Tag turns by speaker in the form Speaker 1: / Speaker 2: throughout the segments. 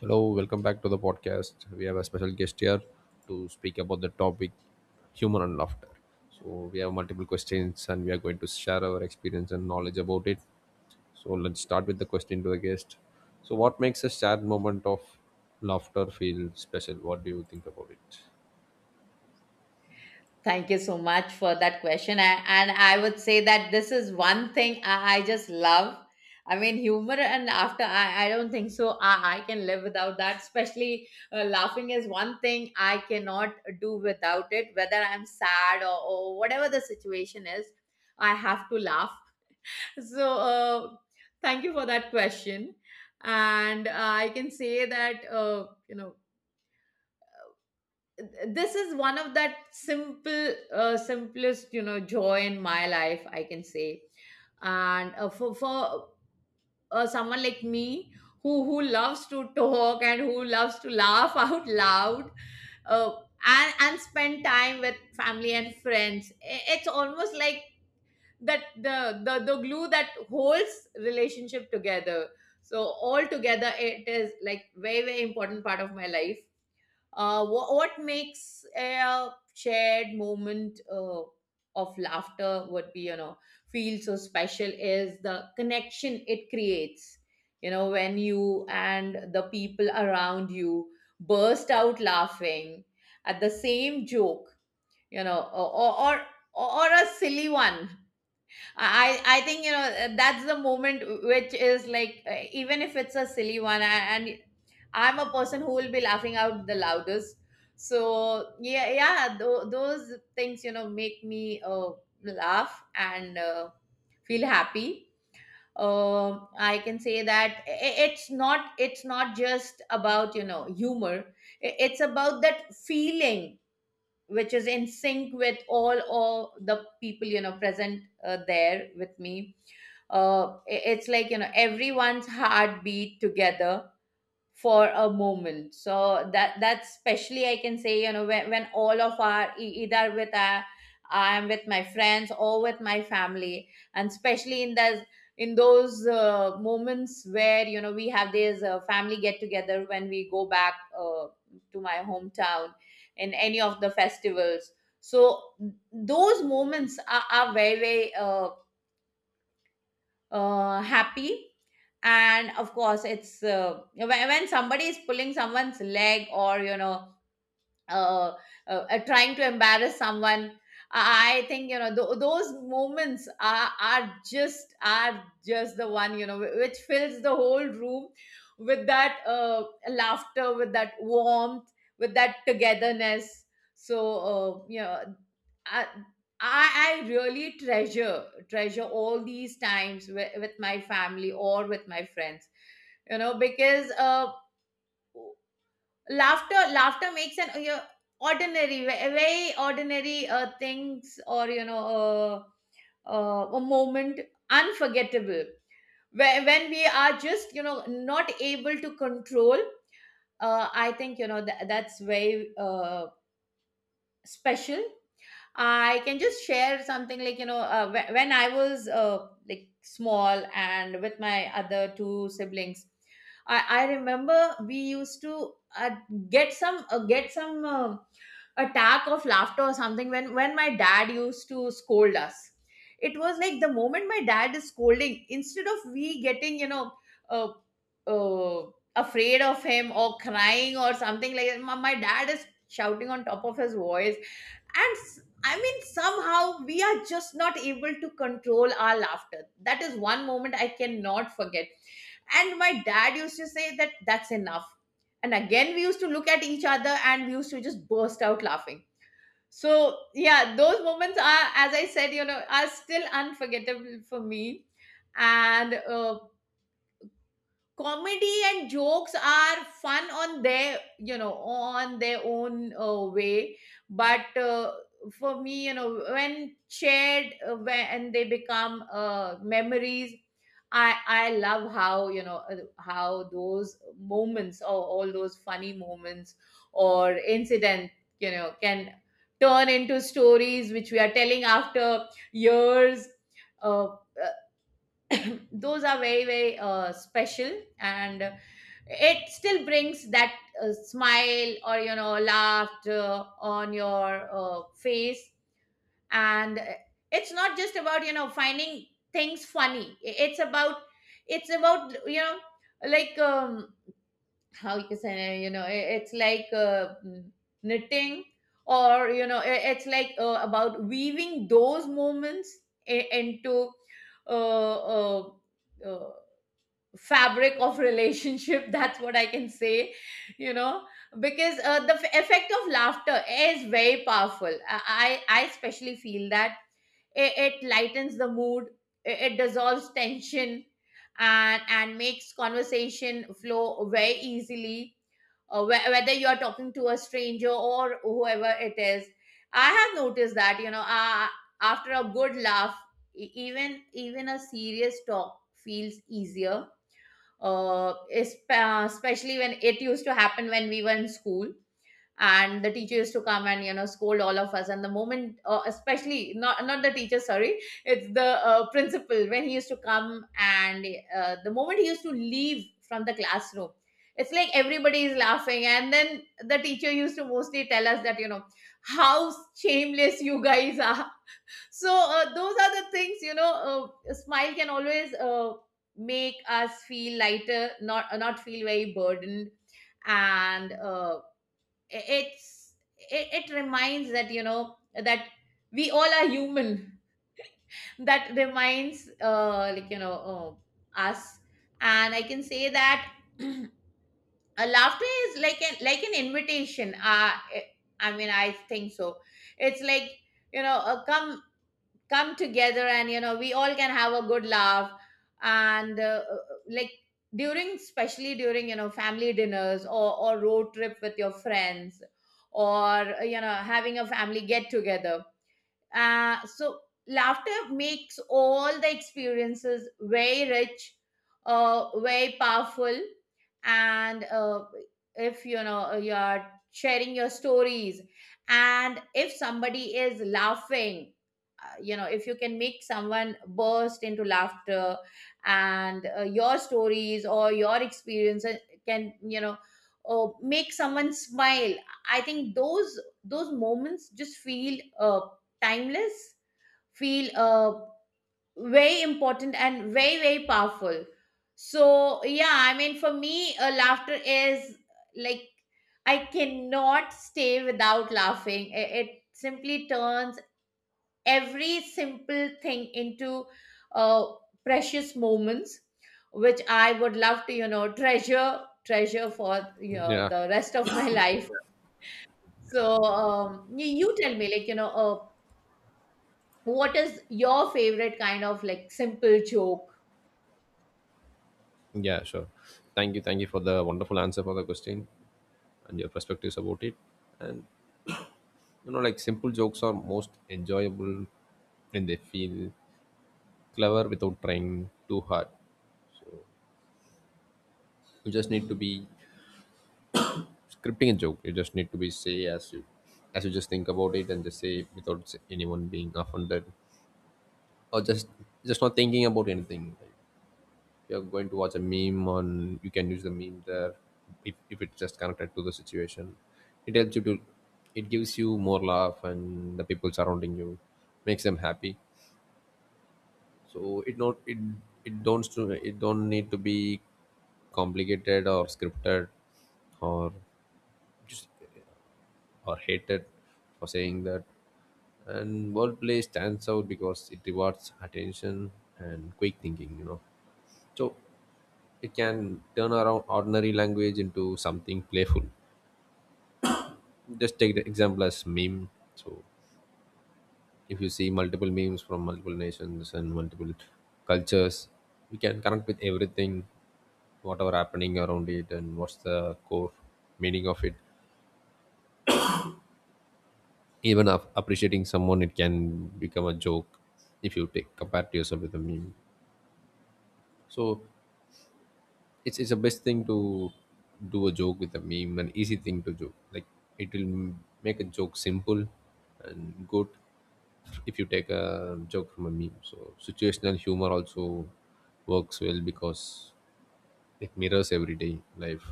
Speaker 1: Hello, welcome back to the podcast. We have a special guest here to speak about the topic humor and laughter. So, we have multiple questions and we are going to share our experience and knowledge about it. So, let's start with the question to the guest. So, what makes a shared moment of laughter feel special? What do you think about it?
Speaker 2: Thank you so much for that question. And I would say that this is one thing I just love. I mean, humor and after, I don't think so. I can live without that. Especially laughing is one thing I cannot do without it, whether I'm sad or whatever the situation is, I have to laugh. So, thank you for that question. And I can say that, you know, this is one of that simplest joy in my life I can say. And for someone like me who loves to talk and who loves to laugh out loud, uh, and spend time with family and friends, it's almost like that the glue that holds relationship together. So all together it is like very very important part of my life. What makes a shared moment of laughter would be, you know, feel so special is the connection it creates. You know, when you and the people around you burst out laughing at the same joke, you know, or a silly one. I think you know that's the moment which is like even if it's a silly one, I'm a person who will be laughing out the loudest. So yeah, those things you know make me laugh and feel happy. I can say that it's not it's not just about you know humor. It's about that feeling which is in sync with all of the people you know present there with me. It's like you know everyone's heartbeat together for a moment, so that's especially I can say you know when all of our either with our, I'm with my friends or with my family, and especially in those moments where you know we have this family get together, when we go back to my hometown in any of the festivals. So those moments are very very happy. And of course it's when somebody is pulling someone's leg or you know, uh, trying to embarrass someone. I think you know those moments are just the one you know which fills the whole room with that laughter, with that warmth, with that togetherness. So you know, I, I really treasure all these times with my family or with my friends, you know, because laughter, laughter makes an you know ordinary, very ordinary things or you know a moment unforgettable when we are just you know not able to control. I think you know that's very special. I can just share something like you know when I was like small and with my other two siblings, I remember we used to uh, get some attack of laughter or something when my dad used to scold us. It was like the moment my dad is scolding, instead of we getting you know uh, uh, afraid of him or crying or something like that, my dad is shouting on top of his voice. And I mean somehow we are just not able to control our laughter. That is one moment I cannot forget. And my dad used to say that that's enough, and again we used to look at each other and we used to just burst out laughing. So yeah, those moments are, as I said you know, are still unforgettable for me. And comedy and jokes are fun on their you know on their own way. But for me you know when shared, when they become memories, I love how you know how those moments or all those funny moments or incident you know can turn into stories which we are telling after years. uh, those are very very special, and it still brings that smile or you know laughter on your face. And it's not just about you know finding things funny. It's about, it's about you know, like how you can say you know, it's like knitting, or you know it's like about weaving those moments into uh, uh, uh, fabric of relationship that's what I can say you know, because the effect of laughter is very powerful. I especially feel that it lightens the mood, it dissolves tension, and makes conversation flow very easily. Whether you're talking to a stranger or whoever it is, I have noticed that you know after a good laugh, even even a serious talk feels easier. Especially when it used to happen when we were in school and the teacher used to come and you know scold all of us. And the moment especially, not not the teacher, sorry, it's the principal, when he used to come and, the moment he used to leave from the classroom it's like everybody is laughing. And then the teacher used to mostly tell us that, you know, how shameless you guys are. So those are the things you know. A smile can always make us feel lighter, not not feel very burdened. And it's, it reminds that you know that we all are human that reminds like you know us. And I can say that a laughter is like an, like an invitation. I mean I think so. It's like you know come, come together and you know we all can have a good laugh. And like during, especially during you know family dinners, or road trip with your friends, or you know having a family get together. So laughter makes all the experiences very rich, very powerful, and if you know you are sharing your stories, and if somebody is laughing, you know if you can make someone burst into laughter, and your stories or your experiences can you know make someone smile, I think those moments just feel timeless, feel very important and very very powerful. So yeah, I mean for me laughter is like, I cannot stay without laughing. It simply turns every simple thing into uh, precious moments, which I would love to you know treasure for you know,
Speaker 1: Yeah,
Speaker 2: the rest of my life. So you, you tell me like you know what is your favorite kind of like simple joke.
Speaker 1: yeah, sure. Thank you for the wonderful answer for the question and your perspectives about it. You know, like simple jokes are most enjoyable when they feel clever without trying too hard. You just need to be scripting a joke. You just need to be say as you just think about it and just say without anyone being offended or just not thinking about anything. Like, you're going to watch a meme on, you can use the meme there if it's just connected to the situation. It helps you to, it gives you more laugh and the people surrounding you makes them happy. So it not it it don't stu- it don't need to be complicated or scripted or or hated for saying that. And wordplay stands out because it rewards attention and quick thinking, you know. So it can turn around ordinary language into something playful. Just take the example as meme. So if you see multiple memes from multiple nations and multiple cultures, we can connect with everything, whatever happening around it and what's the core meaning of it. Even of appreciating someone it can become a joke if you take compare to yourself with a meme. So it's the best thing to do a joke with a meme, an easy thing to joke. Like it will make a joke simple and good if you take a joke from a meme. So situational humor also works well because it mirrors everyday life,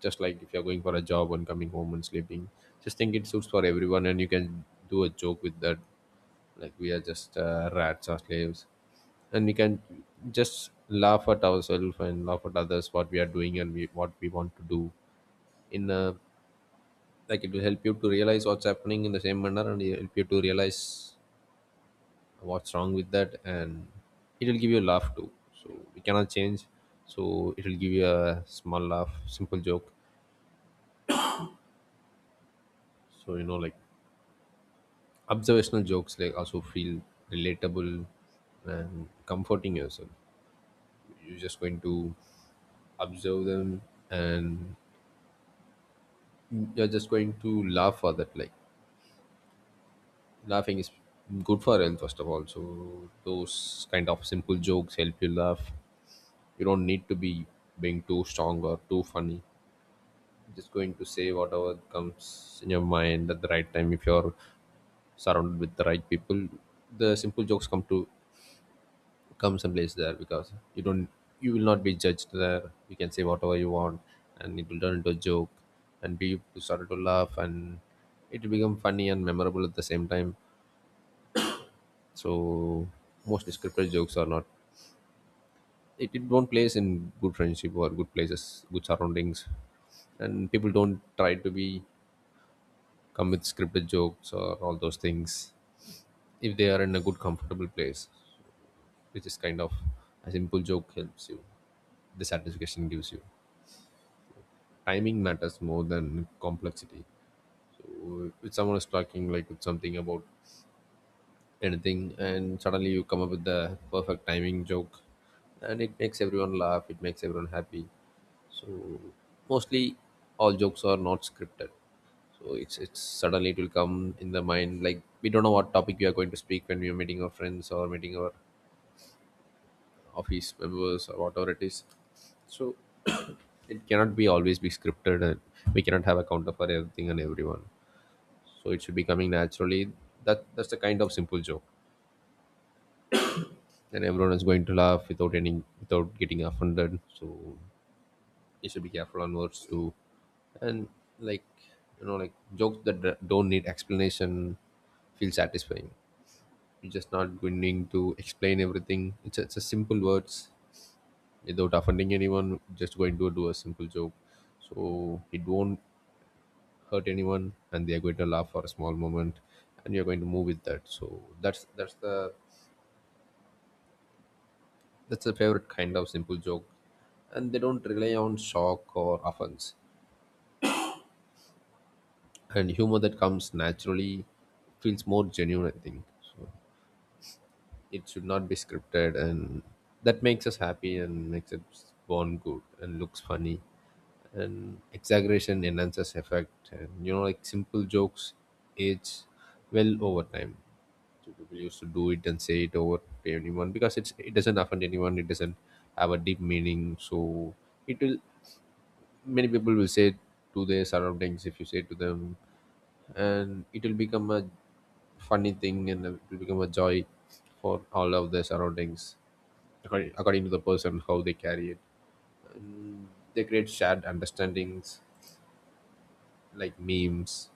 Speaker 1: just like if you're going for a job and coming home and sleeping. Just think it suits for everyone and you can do a joke with that, like we are just rats or slaves, and we can just laugh at ourselves and laugh at others, what we are doing and what we want to do in a, like it will help you to realize what's happening in the same manner, and it will help you to realize what's wrong with that, and it will give you a laugh too. So we cannot change, so it will give you a small laugh, simple joke. So you know, like observational jokes like also feel relatable and comforting yourself. You're just going to observe them, and you're just going to laugh for that. Like laughing is good for health first of all, so those kind of simple jokes help you laugh. You don't need to be being too strong or too funny, just going to say whatever comes in your mind at the right time. If you're surrounded with the right people, the simple jokes come someplace there because you will not be judged there. You can say whatever you want and it will turn into a joke, and people started to laugh and it will become funny and memorable at the same time. So most scripted jokes are not, it won't place in good friendship or good places, good surroundings. And people don't try to be come with scripted jokes or all those things if they are in a good comfortable place, which is kind of a simple joke helps you, the satisfaction gives you. Timing matters more than complexity. So if someone is talking like with something about anything, and suddenly you come up with the perfect timing joke, and it makes everyone laugh. It makes everyone happy. So mostly, all jokes are not scripted. So it's suddenly, it will come in the mind, like we don't know what topic we are going to speak when we are meeting our friends or meeting our office members or whatever it is. So it cannot be always be scripted, and we cannot have a counter for everything and everyone. So it should be coming naturally. That's the kind of simple joke, and everyone is going to laugh without any, without getting offended. So you should be careful on words too. And like, you know, like jokes that don't need explanation feel satisfying. You're just not going to explain everything. It's a simple words without offending anyone, just going to do a simple joke. So it won't hurt anyone and they are going to laugh for a small moment, and you're going to move with that. So That's a favorite kind of simple joke. And they don't rely on shock or offense. And humor that comes naturally feels more genuine, I think. So it should not be scripted, and that makes us happy and makes it born good and looks funny. And exaggeration enhances effect, and you know, like simple jokes age well over time. So people used to do it and say it over to anyone because it doesn't offend anyone. It doesn't have a deep meaning, so it will, many people will say to their surroundings if you say to them, and it will become a funny thing and it will become a joy for all of their surroundings, according to the person how they carry it. They create shared understandings like memes.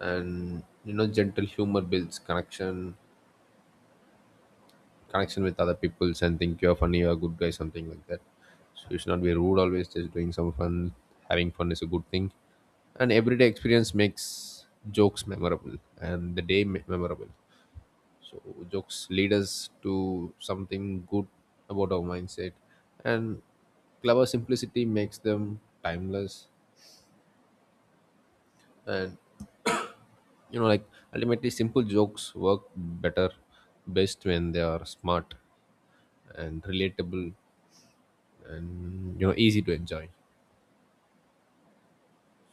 Speaker 1: And you know, gentle humor builds connection, connection with other people and think you're funny or good guy, something like that. So you should not be rude always, just doing some fun. Having fun is a good thing. And everyday experience makes jokes memorable and the day memorable. So jokes lead us to something good about our mindset, and clever simplicity makes them timeless. And you know, like ultimately simple jokes work better best when they are smart and relatable and you know easy to enjoy.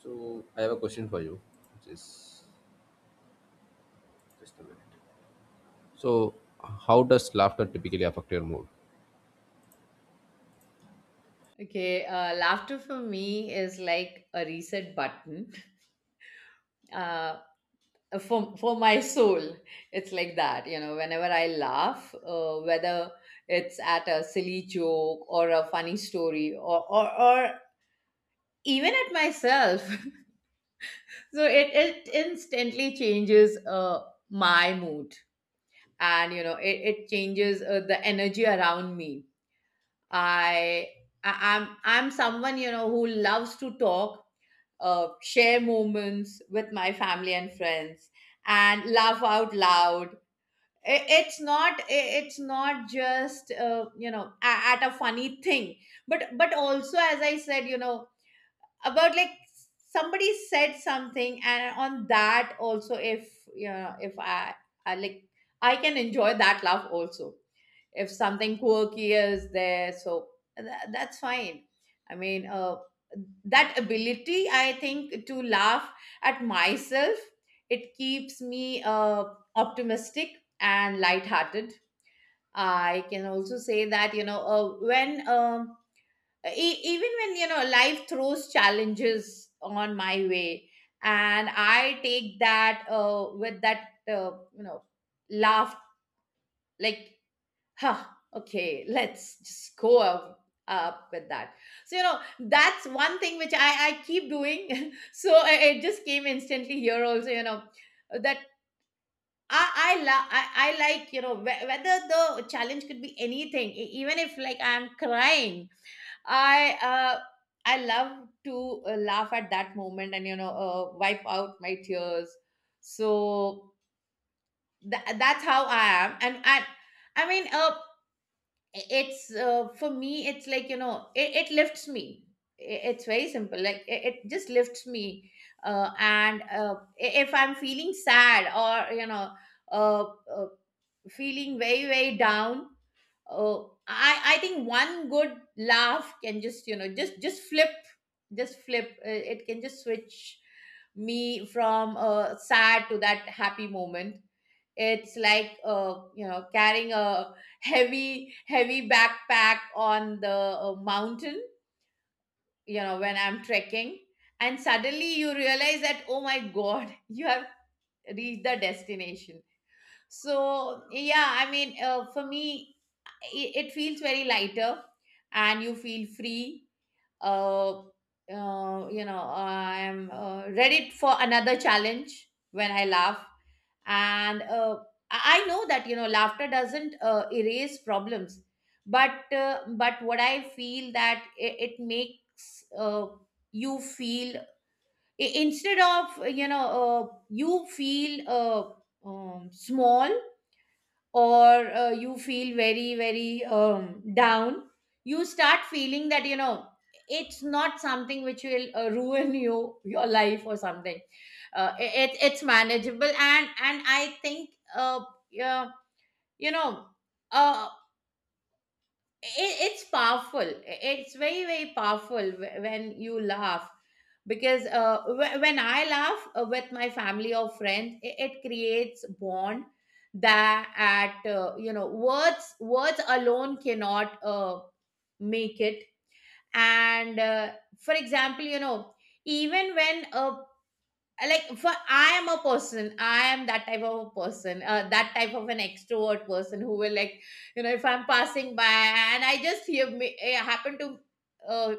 Speaker 1: So I have a question for you, which is just a minute. So how does laughter typically affect your mood?
Speaker 2: Okay, laughter for me is like a reset button. Uh, for my soul, it's like that. You know, whenever I laugh, whether it's at a silly joke or a funny story, or even at myself, so it instantly changes my mood, and you know, it changes the energy around me. I, I I'm someone you know who loves to talk, share moments with my family and friends, and laugh out loud. It's not just you know at a funny thing, but also as I said, you know, about like somebody said something, and on that also if you know if I, I like I can enjoy that laugh also if something quirky is there. So that's fine. I mean that ability I think to laugh at myself, it keeps me optimistic and lighthearted. I can also say that you know when even when you know life throws challenges on my way, and I take that with that you know laugh, like huh, okay, let's just go up with that. So, you know, that's one thing which I keep doing. So it just came instantly here also, you know, that I like, you know, whether the challenge could be anything, even if like I'm crying, I, uh, I love to laugh at that moment and, you know, wipe out my tears. So that's how I am. And I mean, it's for me it's like you know it lifts me. It's very simple, like it just lifts me. And if I'm feeling sad or you know uh, uh, feeling very very down, uh, I think one good laugh can just you know just flip, it can just switch me from sad to that happy moment. It's like you know carrying a heavy backpack on the mountain, you know when I'm trekking, and suddenly you realize that oh my god, you have reached the destination. So yeah, I mean for me it feels very lighter and you feel free. You know, I'm ready for another challenge when I laugh. And I know that you know laughter doesn't erase problems, but what I feel that it makes you feel, instead of you know you feel small or you feel very very down, you start feeling that you know it's not something which will ruin you your life or something. Uh, it, it's manageable, and I think yeah, you know uh, it's powerful, it's very very powerful when you laugh. Because when I laugh with my family or friends, it creates bond that at you know words alone cannot make it. And for example you know even when a, like for, I am a person, I am that type of a person, that type of an extrovert person, who will like, you know, if I'm passing by and I just hear me I happen to uh,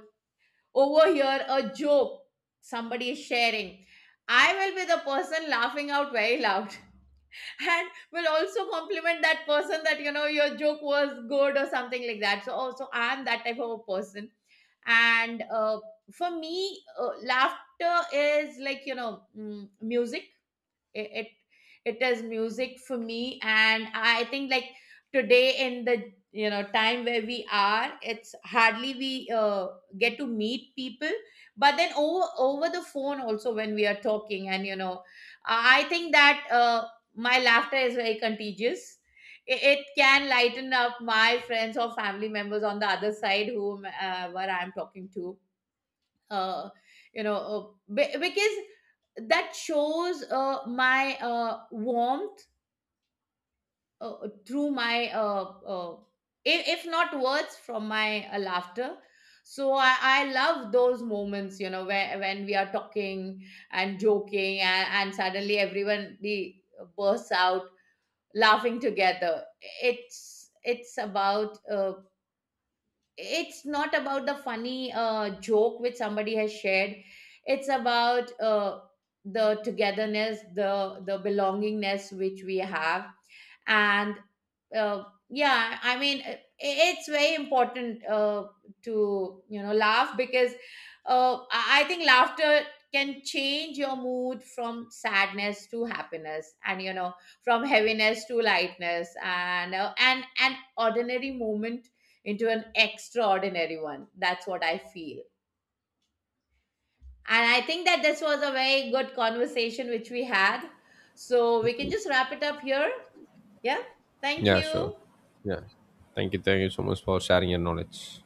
Speaker 2: overhear a joke somebody is sharing, I will be the person laughing out very loud and will also compliment that person that you know your joke was good or something like that. So also I am that type of a person. And for me laughter is like you know music. It it, it is music for me. And I think like, today in the, you know, time where we are, it's hardly we get to meet people. But then over the phone also, when we are talking and you know, I think that my laughter is very contagious. It can lighten up my friends or family members on the other side whom where I'm talking to. uh, you know, because that shows my warmth through my if not words, from my laughter. So I love those moments you know where, when we are talking and joking, and suddenly everyone the bursts out laughing together. it's it's about it's not about the funny joke which somebody has shared. It's about the togetherness, the belongingness which we have. And yeah, I mean it's very important to you know laugh. Because I think laughter can change your mood from sadness to happiness, and you know from heaviness to lightness, and an ordinary moment into an extraordinary one. That's what I feel. And I think that this was a very good conversation which we had, so we can just wrap it up here. Yeah, thank
Speaker 1: Yeah,
Speaker 2: you.
Speaker 1: sure. Yeah. Thank you. Thank you so much for sharing your knowledge.